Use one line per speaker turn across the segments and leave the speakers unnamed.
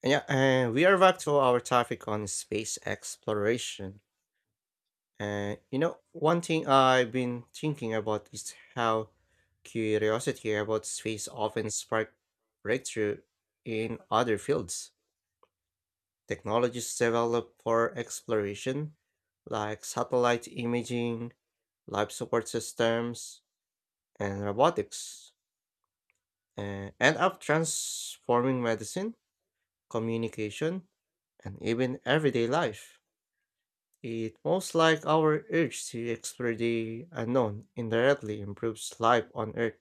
And Yeah, and we are back to our topic on space exploration. And you know, one thing I've been thinking about is how curiosity about space often spark breakthrough in other fields. Technologies developed for exploration, like satellite imaging, life support systems, and robotics, and end up transforming medicine, communication, and even everyday life. It most like our urge to explore the unknown indirectly improves life on Earth,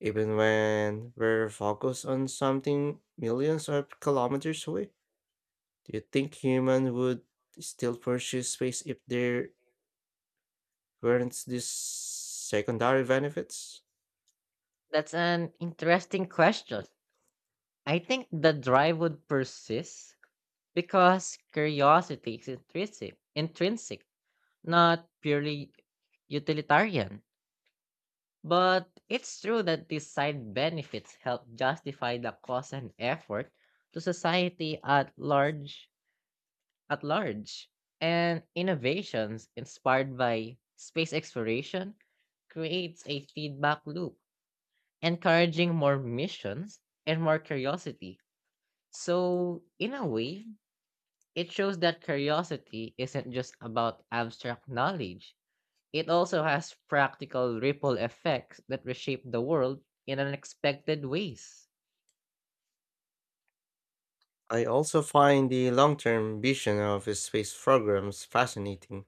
even when we're focused on something millions of kilometers away. Do you think humans would still pursue space if there weren't these secondary benefits?
That's an interesting question. I think the drive would persist because curiosity is intrinsic, not purely utilitarian. But it's true that these side benefits help justify the cost and effort to society at large, and innovations inspired by space exploration creates a feedback loop, encouraging more missions and more curiosity. So, in a way, it shows that curiosity isn't just about abstract knowledge. It also has practical ripple effects that reshape the world in unexpected ways.
I also find the long term vision of space programs fascinating.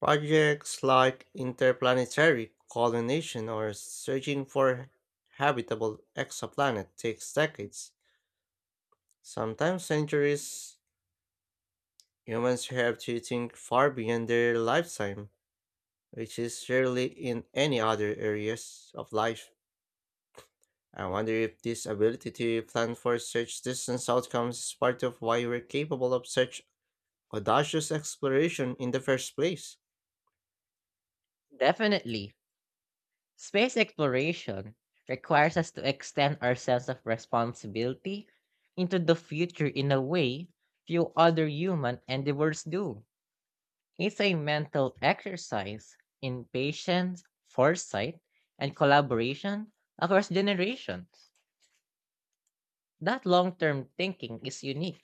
Projects like interplanetary colonization or searching for habitable exoplanet takes decades, sometimes centuries. Humans have to think far beyond their lifetime, which is rarely in any other areas of life. I wonder if this ability to plan for such distant outcomes is part of why we're capable of such audacious exploration in the first place.
Definitely, space exploration requires us to extend our sense of responsibility into the future in a way few other human endeavors do. It's a mental exercise in patience, foresight, and collaboration across generations. That long term thinking is unique.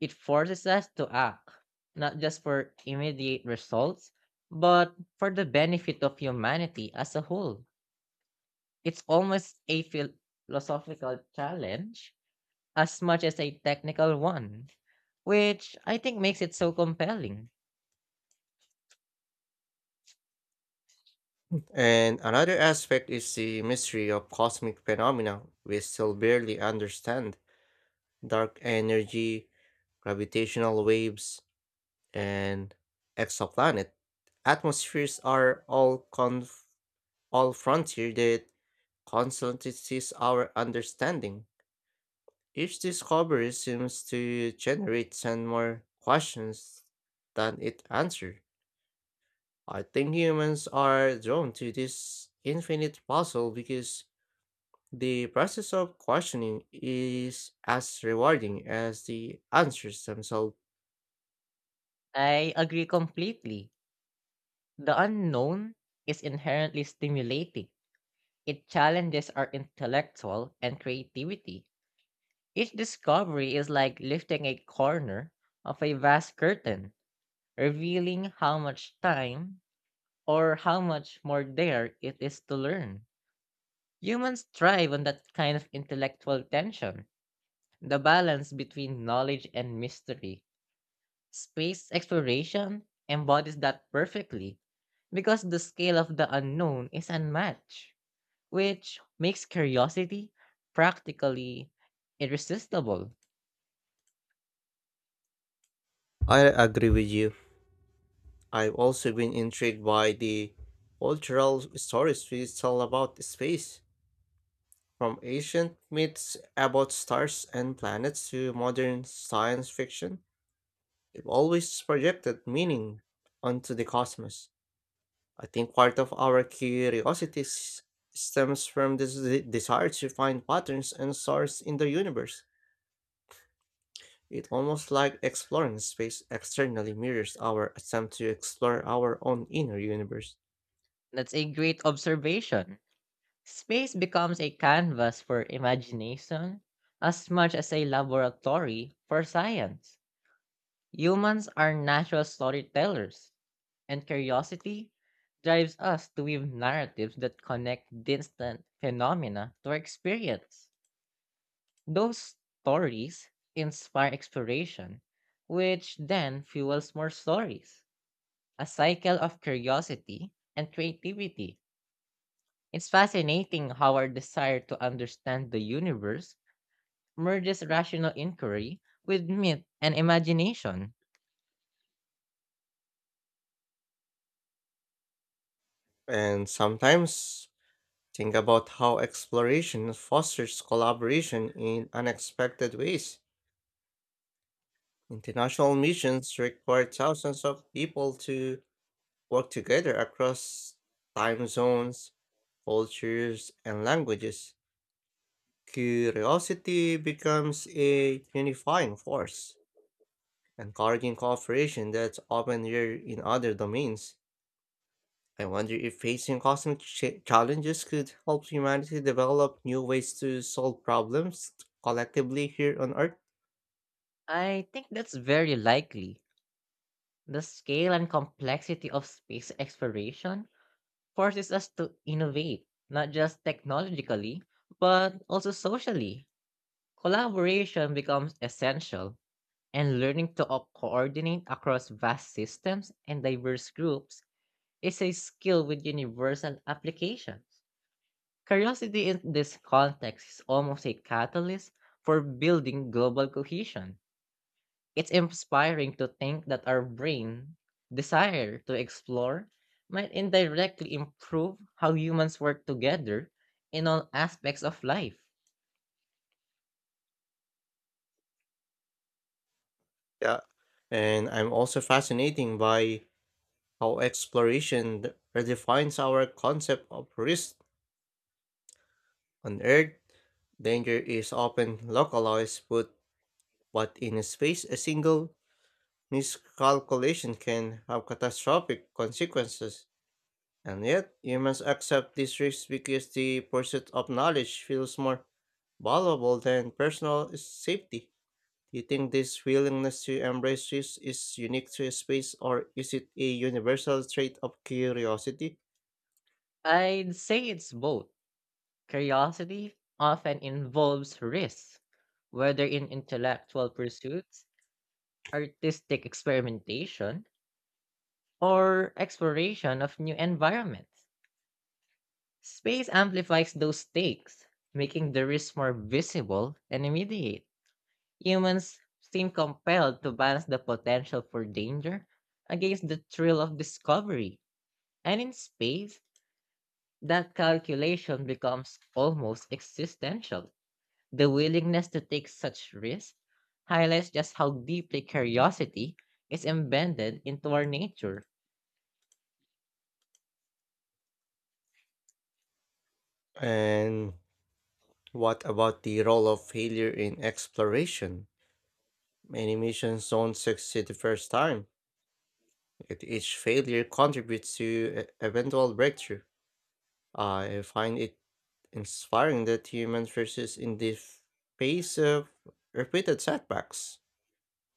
It forces us to act, not just for immediate results, but for the benefit of humanity as a whole. It's almost a philosophical challenge as much as a technical one, which I think makes it so compelling.
And another aspect is the mystery of cosmic phenomena we still barely understand dark energy, gravitational waves, and exoplanet atmospheres are all frontier that constantly sees our understanding. Each discovery seems to generate 10 more questions than it answers. I think humans are drawn to this infinite puzzle because the process of questioning is as rewarding as the answers themselves.
I agree completely. The unknown is inherently stimulating. It challenges our intellectual and creativity. Each discovery is like lifting a corner of a vast curtain, revealing how much time or how much more there it is to learn. Humans thrive on that kind of intellectual tension, the balance between knowledge and mystery. Space exploration embodies that perfectly because the scale of the unknown is unmatched, which makes curiosity practically irresistible.
I agree with you. I've also been intrigued by the cultural stories we tell about space, from ancient myths about stars and planets to modern science fiction. They've always projected meaning onto the cosmos. I think part of our stems from this desire to find patterns and source in the universe. It's almost like exploring space externally mirrors our attempt to explore our own inner universe.
That's a great observation. Space becomes a canvas for imagination as much as a laboratory for science. Humans are natural storytellers and curiosity drives us to weave narratives that connect distant phenomena to our experience. Those stories inspire exploration, which then fuels more stories, a cycle of curiosity and creativity. It's fascinating how our desire to understand the universe merges rational inquiry with myth and imagination.
And sometimes think about how exploration fosters collaboration in unexpected ways. International missions require thousands of people to work together across time zones, cultures, and languages. Curiosity becomes a unifying force, encouraging cooperation that's often rare in other domains. I wonder if facing challenges could help humanity develop new ways to solve problems collectively here on Earth.
I think that's very likely. The scale and complexity of space exploration forces us to innovate, not just technologically, but also socially. Collaboration becomes essential, and learning to coordinate across vast systems and diverse groups is a skill with universal applications. Curiosity in this context is almost a catalyst for building global cohesion. It's inspiring to think that our brain desire to explore might indirectly improve how humans work together in all aspects of life.
Yeah. And I'm also fascinated by how redefines our concept of risk. On Earth, danger is often localized, but in space, a single miscalculation can have catastrophic consequences. And yet, humans accept these risks because the pursuit of knowledge feels more valuable than personal safety. Do you think this willingness to embrace risk is unique to space, or is it a universal trait of curiosity?
I'd say it's both. Curiosity often involves risk, whether in intellectual pursuits, artistic experimentation, or exploration of new environments. Space amplifies those stakes, making the risk more visible and immediate. Humans seem compelled to balance the potential for danger against the thrill of discovery. And in space, that calculation becomes almost existential. The willingness to take such risks highlights just how deeply curiosity is embedded into our nature.
And what about the role of failure in exploration? Many missions don't succeed the first time, yet each failure contributes to eventual breakthrough. I find it inspiring that human versus in the face of repeated setbacks.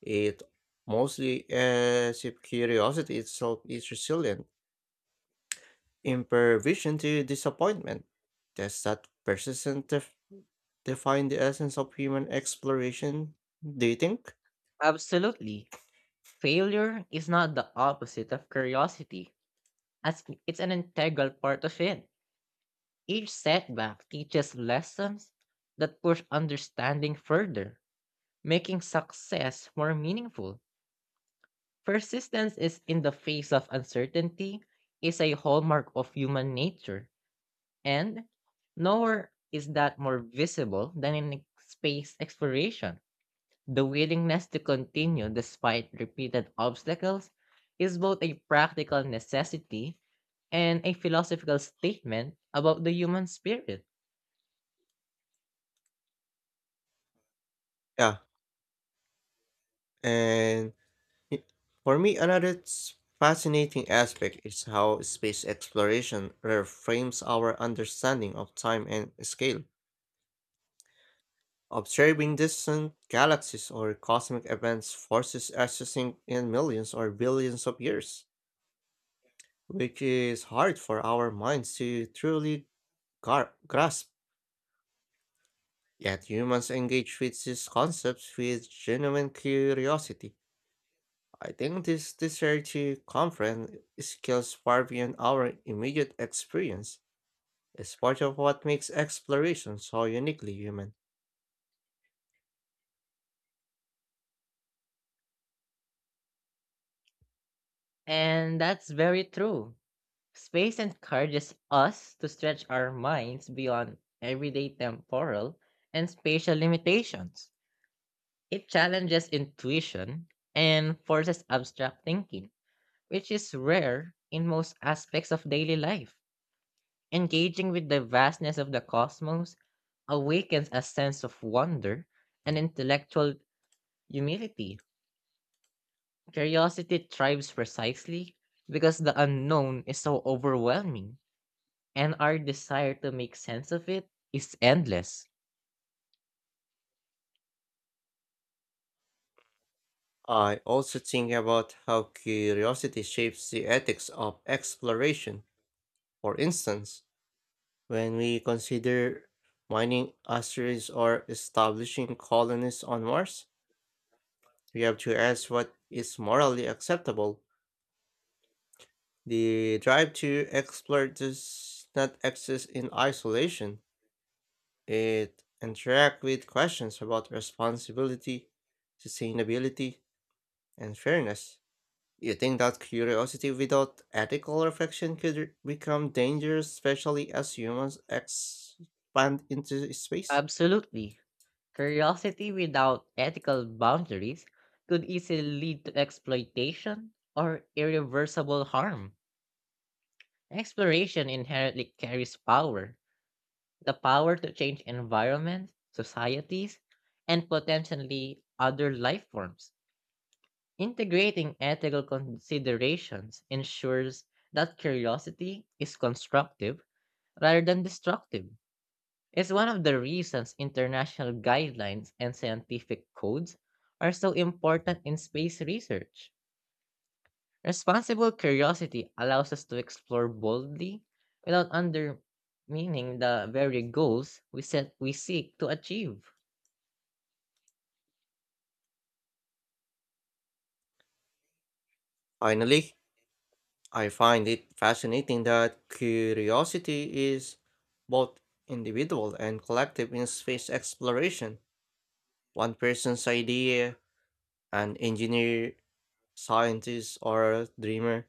It mostly as if curiosity itself is resilient, impervision to disappointment. Does that define the essence of human exploration, do you think?
Absolutely. Failure is not the opposite of curiosity, as it's an integral part of it. Each setback teaches lessons that push understanding further, making success more meaningful. Persistence is in the face of uncertainty is a hallmark of human nature, and nowhere is that more visible than in space exploration. The willingness to continue despite repeated obstacles is both a practical necessity and a philosophical statement about the human spirit.
Yeah, and Y- for me, another fascinating aspect is how space exploration reframes our understanding of time and scale. Observing distant galaxies or cosmic events forces us to think in millions or billions of years, which is hard for our minds to truly grasp. Yet humans engage with these concepts with genuine curiosity. I think this disparity conference skills far beyond our immediate experience is part of what makes exploration so uniquely human.
And that's very true. Space encourages us to stretch our minds beyond everyday temporal and spatial limitations. It challenges intuition and forces abstract thinking, which is rare in most aspects of daily life. Engaging with the vastness of the cosmos awakens a sense of wonder and intellectual humility. Curiosity thrives precisely because the unknown is so overwhelming and our desire to make sense of it is endless.
I also think about how curiosity shapes the ethics of exploration. For instance, when we consider mining asteroids or establishing colonies on Mars, we have to ask what is morally acceptable. The drive to explore does not exist in isolation. It interact with questions about responsibility, sustainability, and fairness. You think that curiosity without ethical reflection could become dangerous, especially as humans expand into space?
Absolutely. Curiosity without ethical boundaries could easily lead to exploitation or irreversible harm. Exploration inherently carries power, the power to change environments, societies, and potentially other life forms. Integrating ethical considerations ensures that curiosity is constructive rather than destructive. It's one of the reasons international guidelines and scientific codes are so important in space research. Responsible curiosity allows us to explore boldly without undermining the very goals we seek to achieve.
Finally, I find it fascinating that curiosity is both individual and collective in space exploration. One person's idea, an engineer, scientist, or a dreamer,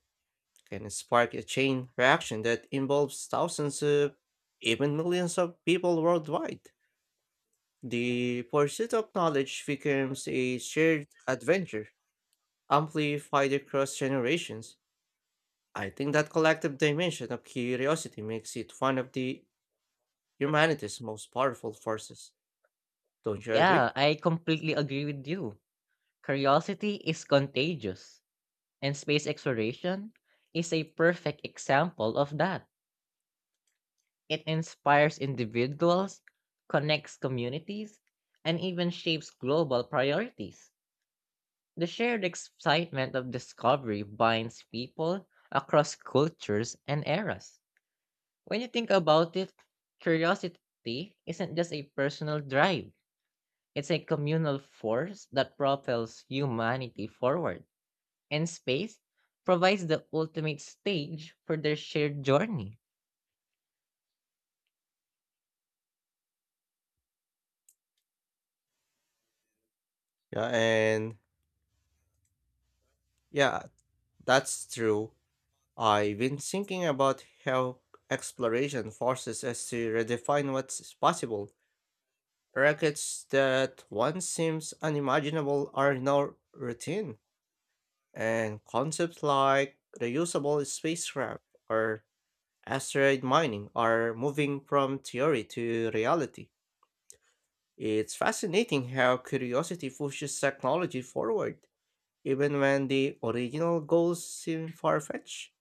can spark a chain reaction that involves thousands of, even millions of people worldwide. The pursuit of knowledge becomes a shared adventure, amplified across generations. I think that collective dimension of curiosity makes it one of the humanity's most powerful forces. Don't you agree?
Yeah, I completely agree with you. Curiosity is contagious, and space exploration is a perfect example of that. It inspires individuals, connects communities, and even shapes global priorities. The shared excitement of discovery binds people across cultures and eras. When you think about it, curiosity isn't just a personal drive, it's a communal force that propels humanity forward. And space provides the ultimate stage for their shared journey.
Yeah, and yeah, that's true. I've been thinking about how exploration forces us to redefine what's possible. Brackets that once seems unimaginable are now routine, and concepts like reusable spacecraft or asteroid mining are moving from theory to reality. It's fascinating how curiosity pushes technology forward, even when the original goals seem far fetched.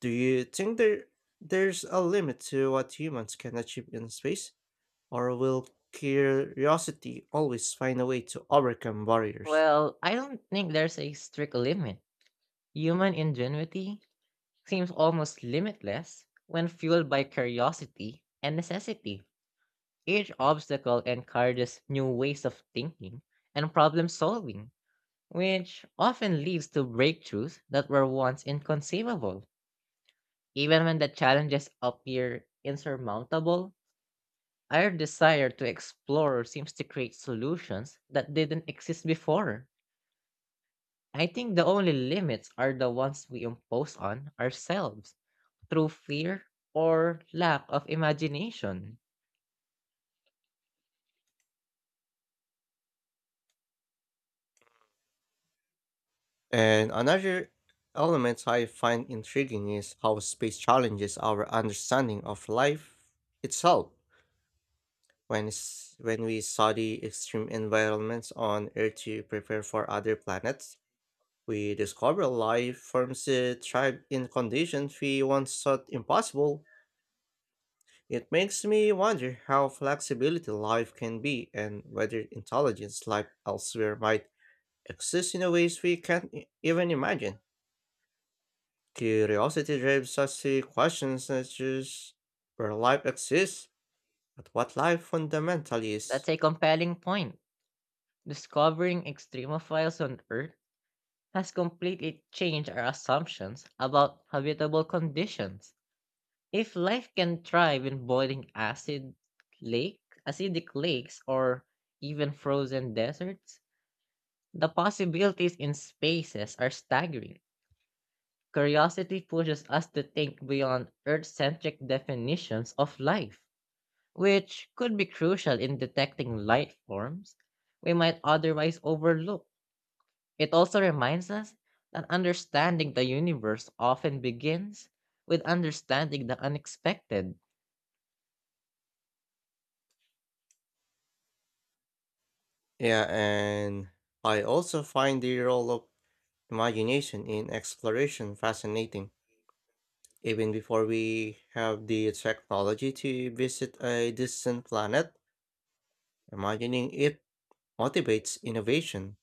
Do you think there's a limit to what humans can achieve in space, or will curiosity always find a way to overcome barriers?
Well, I don't think there's a strict limit. Human ingenuity seems almost limitless when fueled by curiosity and necessity. Each obstacle encourages new ways of thinking and problem solving, which often leads to breakthroughs that were once inconceivable. Even when the challenges appear insurmountable, our desire to explore seems to create solutions that didn't exist before. I think the only limits are the ones we impose on ourselves through fear or lack of imagination.
And another element I find intriguing is how space challenges our understanding of life itself. When we study extreme environments on Earth to prepare for other planets, we discover life forms that thrive in conditions we once thought impossible. It makes me wonder how flexibility life can be and whether intelligence life elsewhere might exist in a ways we can't even imagine. Curiosity drives us to questions such as where life exists, but what life fundamentally
That's
is.
a compelling point. Discovering extremophiles on Earth has completely changed our assumptions about habitable conditions. If life can thrive in lake, acidic lakes, or even frozen deserts, the possibilities in spaces are staggering. Curiosity pushes us to think beyond Earth centric definitions of life, which could be crucial in detecting light forms we might otherwise overlook. It also reminds us that understanding the universe often begins with understanding the unexpected.
Yeah, and I also find the role of imagination in exploration fascinating. Even before we have the technology to visit a distant planet, imagining it motivates innovation.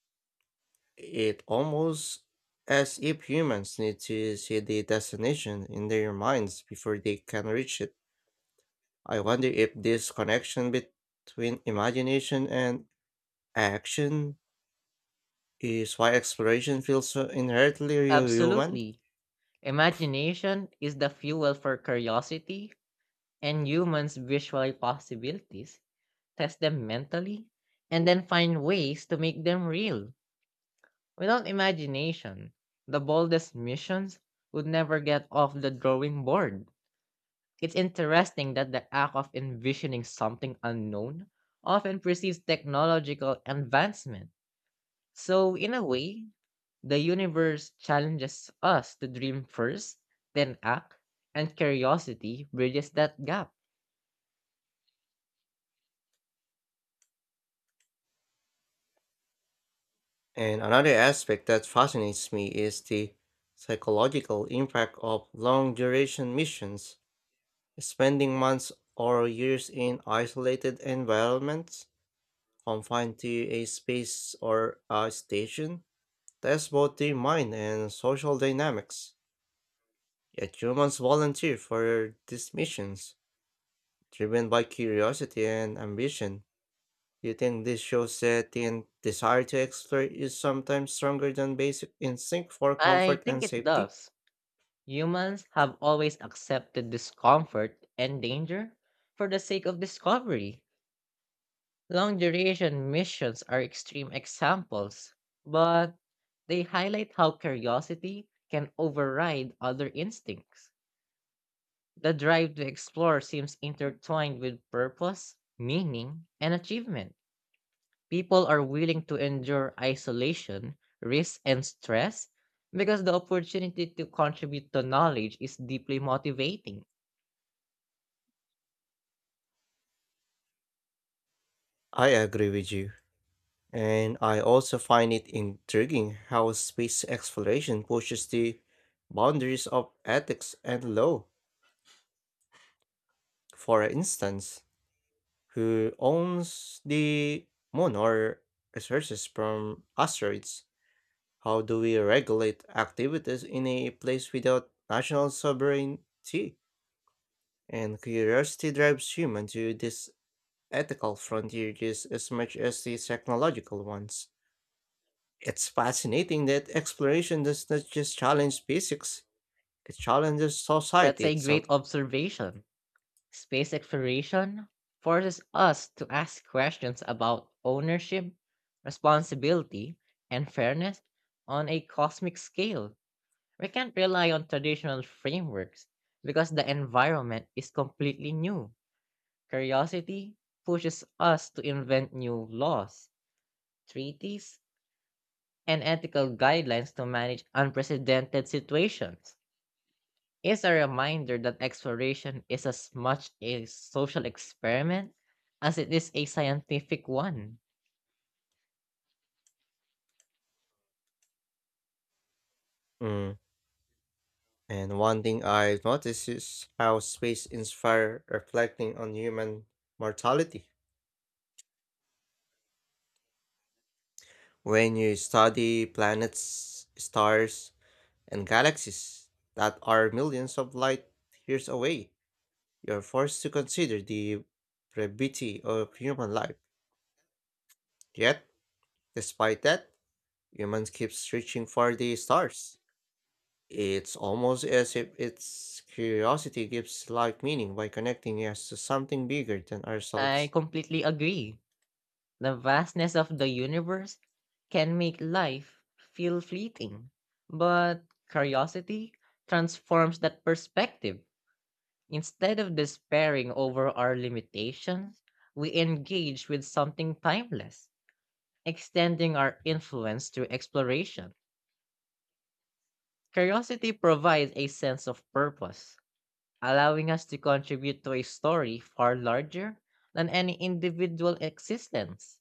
It almost as if humans need to see the destination in their minds before they can reach it. I wonder if this connection between imagination and action is why exploration feels so inherently human.
Absolutely. Imagination is the fuel for curiosity, and humans visualize possibilities, test them mentally, and then find ways to make them real. Without imagination, the boldest missions would never get off the drawing board. It's interesting that the act of envisioning something unknown often precedes technological advancement. So, in a way, the universe challenges us to dream first, then act, and curiosity bridges that gap.
And another aspect that fascinates me is the psychological impact of long duration missions. Spending months or years in isolated environments confined to a space or a station, tests both the mind and social dynamics. Yet humans volunteer for these missions, driven by curiosity and ambition. Do you think this shows that the desire to explore is sometimes stronger than basic instinct for
I
comfort
think
and
it
safety?
does. Humans have always accepted discomfort and danger for the sake of discovery. Long duration missions are extreme examples, but they highlight how curiosity can override other instincts. The drive to explore seems intertwined with purpose, meaning, and achievement. People are willing to endure isolation, risk, and stress because the opportunity to contribute to knowledge is deeply motivating.
I agree with you. And I also find it intriguing how space exploration pushes the boundaries of ethics and law. For instance, who owns the moon or resources from asteroids. How do we regulate activities in a place without national sovereignty? And curiosity drives humans to these ethical frontier just as much as the technological ones. It's fascinating that exploration does not just challenge physics, it challenges
That's
society
a great
itself.
observation. Space exploration forces us to ask questions about ownership, responsibility, and fairness on a cosmic scale. We can't rely on traditional frameworks because the environment is completely new. Curiosity pushes us to invent new laws, treaties, and ethical guidelines to manage unprecedented situations. Is a reminder that exploration is as much a social experiment as it is a scientific one.
Mm, and one thing I've noticed is how space inspires reflecting on human mortality. When you study planets, stars, and galaxies that are millions of light years away, you're forced to consider the brevity of human life. Yet, despite that, humans keep searching for the stars. It's almost as if its curiosity gives life meaning by connecting us to something bigger than
I
ourselves.
completely agree. The vastness of the universe can make life feel fleeting, but curiosity transforms that perspective. Instead of despairing over our limitations, we engage with something timeless, extending our influence through exploration. Curiosity provides a sense of purpose, allowing us to contribute to a story far larger than any individual existence.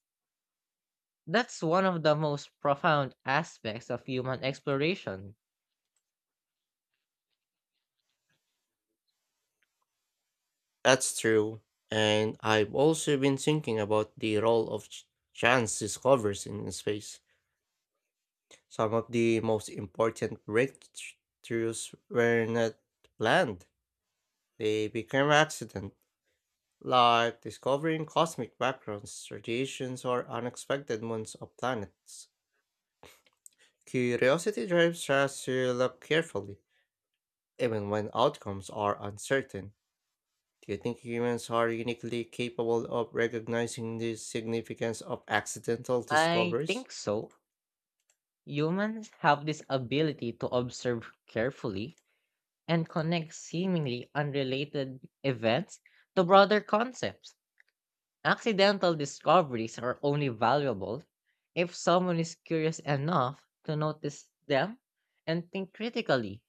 That's one of the most profound aspects of human exploration.
That's true. And I've also been thinking about the role of chance discoveries in space. Some of the most important breakthroughs were not planned, they became accident, like discovering cosmic backgrounds, radiations, or unexpected moons of planets. Curiosity drives us to look carefully, even when outcomes are uncertain. Do you think humans are uniquely capable of recognizing the significance of accidental
I
discoveries?
think so. Humans have this ability to observe carefully and connect seemingly unrelated events to broader concepts. Accidental discoveries are only valuable if someone is curious enough to notice them and think critically.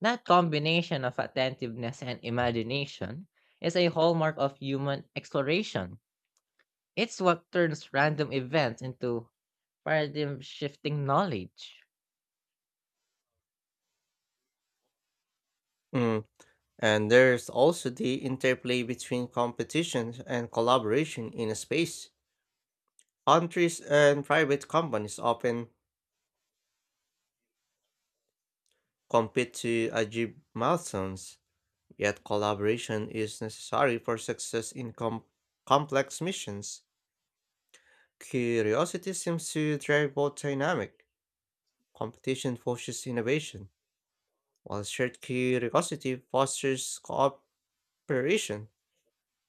That combination of attentiveness and imagination is a hallmark of human exploration. It's what turns random events into paradigm shifting knowledge.
Mm. And there's also the interplay between competition and collaboration in a space. Countries and private companies often compete to achieve milestones, yet collaboration is necessary for success in complex missions. Curiosity seems to drive both dynamic. Competition fosters innovation, while shared curiosity fosters cooperation.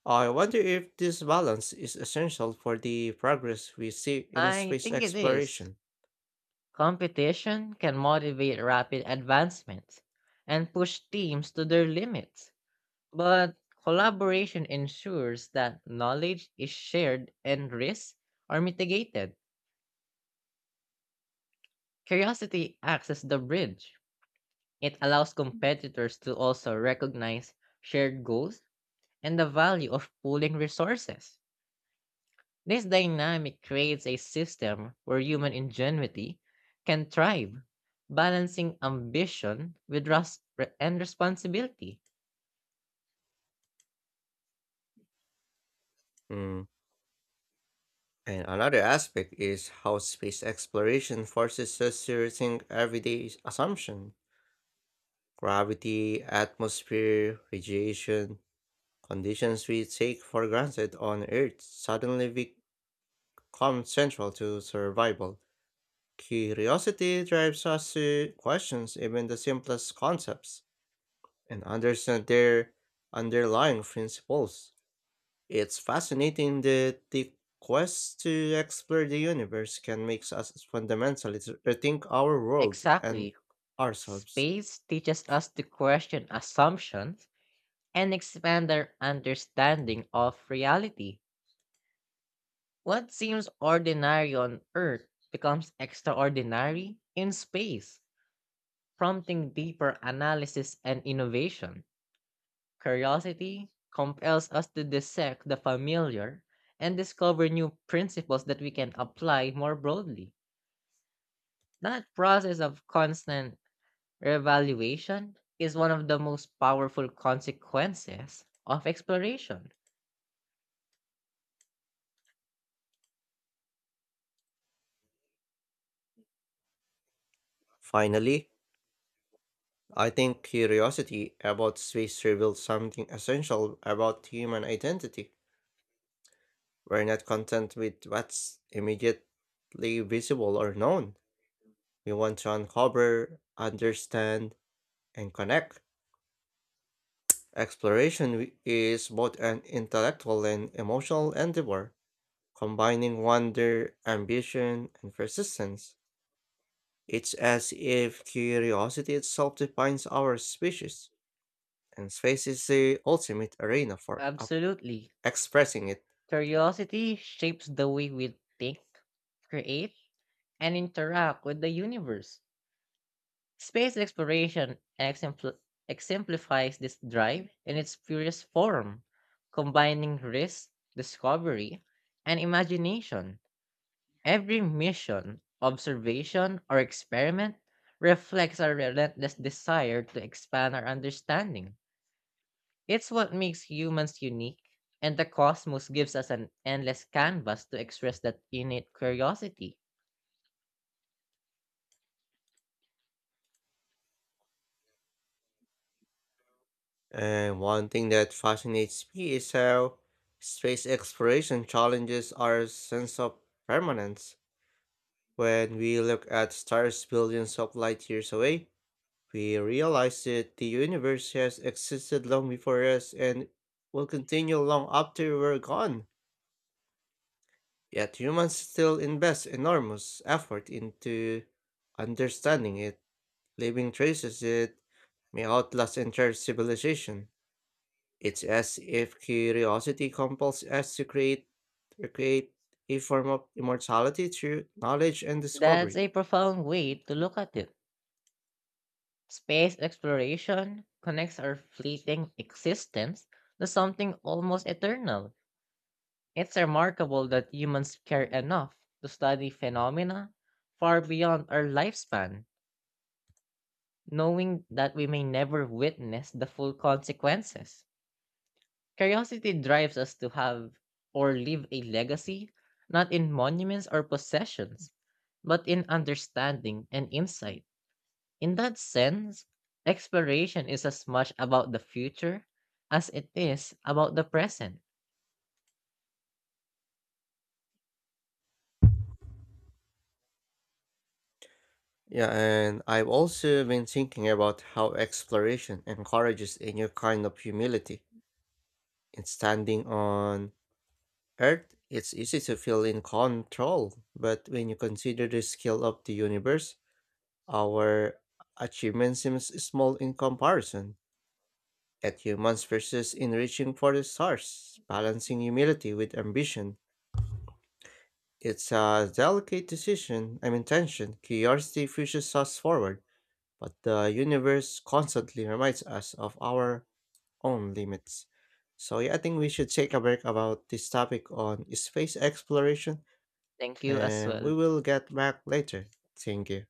I wonder if this balance is essential for the progress we see in
I
space
think it is.
exploration.
Competition can motivate rapid advancement and push teams to their limits, but collaboration ensures that knowledge is shared and risks are mitigated. Curiosity acts as the bridge. It allows competitors to also recognize shared goals and the value of pooling resources. This dynamic creates a system where human ingenuity can thrive, balancing ambition with and responsibility.
Hmm, and another aspect is how space exploration forces us to rethink everyday assumptions. Gravity, atmosphere, radiation, conditions we take for granted on Earth suddenly become central to survival. Curiosity drives us to question even the simplest concepts and understand their underlying principles. It's fascinating that the quest to explore the universe can make us fundamentally to rethink our world and
Exactly.
ourselves.
Space teaches us to question assumptions and expand our understanding of reality. What seems ordinary on Earth becomes extraordinary in space, prompting deeper analysis and innovation. Curiosity compels us to dissect the familiar and discover new principles that we can apply more broadly. That process of constant reevaluation is one of the most powerful consequences of exploration.
Finally, I think curiosity about space reveals something essential about human identity. We're not content with what's immediately visible or known. We want to uncover, understand, and connect. Is both an intellectual and emotional endeavor, combining wonder, ambition, and persistence. It's as if curiosity itself defines our species, and space is the ultimate arena for
Absolutely.
expressing it.
Curiosity shapes the way we think, create, and interact with the universe. Space exploration exemplifies this drive in its purest form, combining risk, discovery, and imagination. Every mission, observation, or experiment reflects our relentless desire to expand our understanding. It's what makes humans unique, and the cosmos gives us an endless canvas to express that innate curiosity.
And one thing that fascinates me is how space exploration challenges our sense of permanence. When we look at stars billions of light years away, we realize that the universe has existed long before us and will continue long after we're gone. Yet humans still invest enormous effort into understanding it, leaving traces that may outlast entire civilization. It's as if curiosity compels us to create a form of immortality through knowledge and
That's
discovery.
a profound way to look at it. Space exploration connects our fleeting existence to something almost eternal. It's remarkable that humans care enough to study phenomena far beyond our lifespan, knowing that we may never witness the full consequences. Curiosity drives us to have or leave a legacy, not in monuments or possessions, but in understanding and insight. In that sense, exploration is as much about the future as it is about the present.
Yeah, and I've also been thinking about how exploration encourages a new kind of humility. In standing on Earth, it's easy to feel in control, but when you consider the scale of the universe, our achievement seems small in comparison. Yet humans persist in reaching for the stars, balancing humility with ambition. It's a delicate decision, I mean tension. Curiosity pushes us forward, but the universe constantly reminds us of our own limits. So yeah, I think we should take a break about this topic on space exploration
Thank you as
and we
well.
will get back later. Thank you.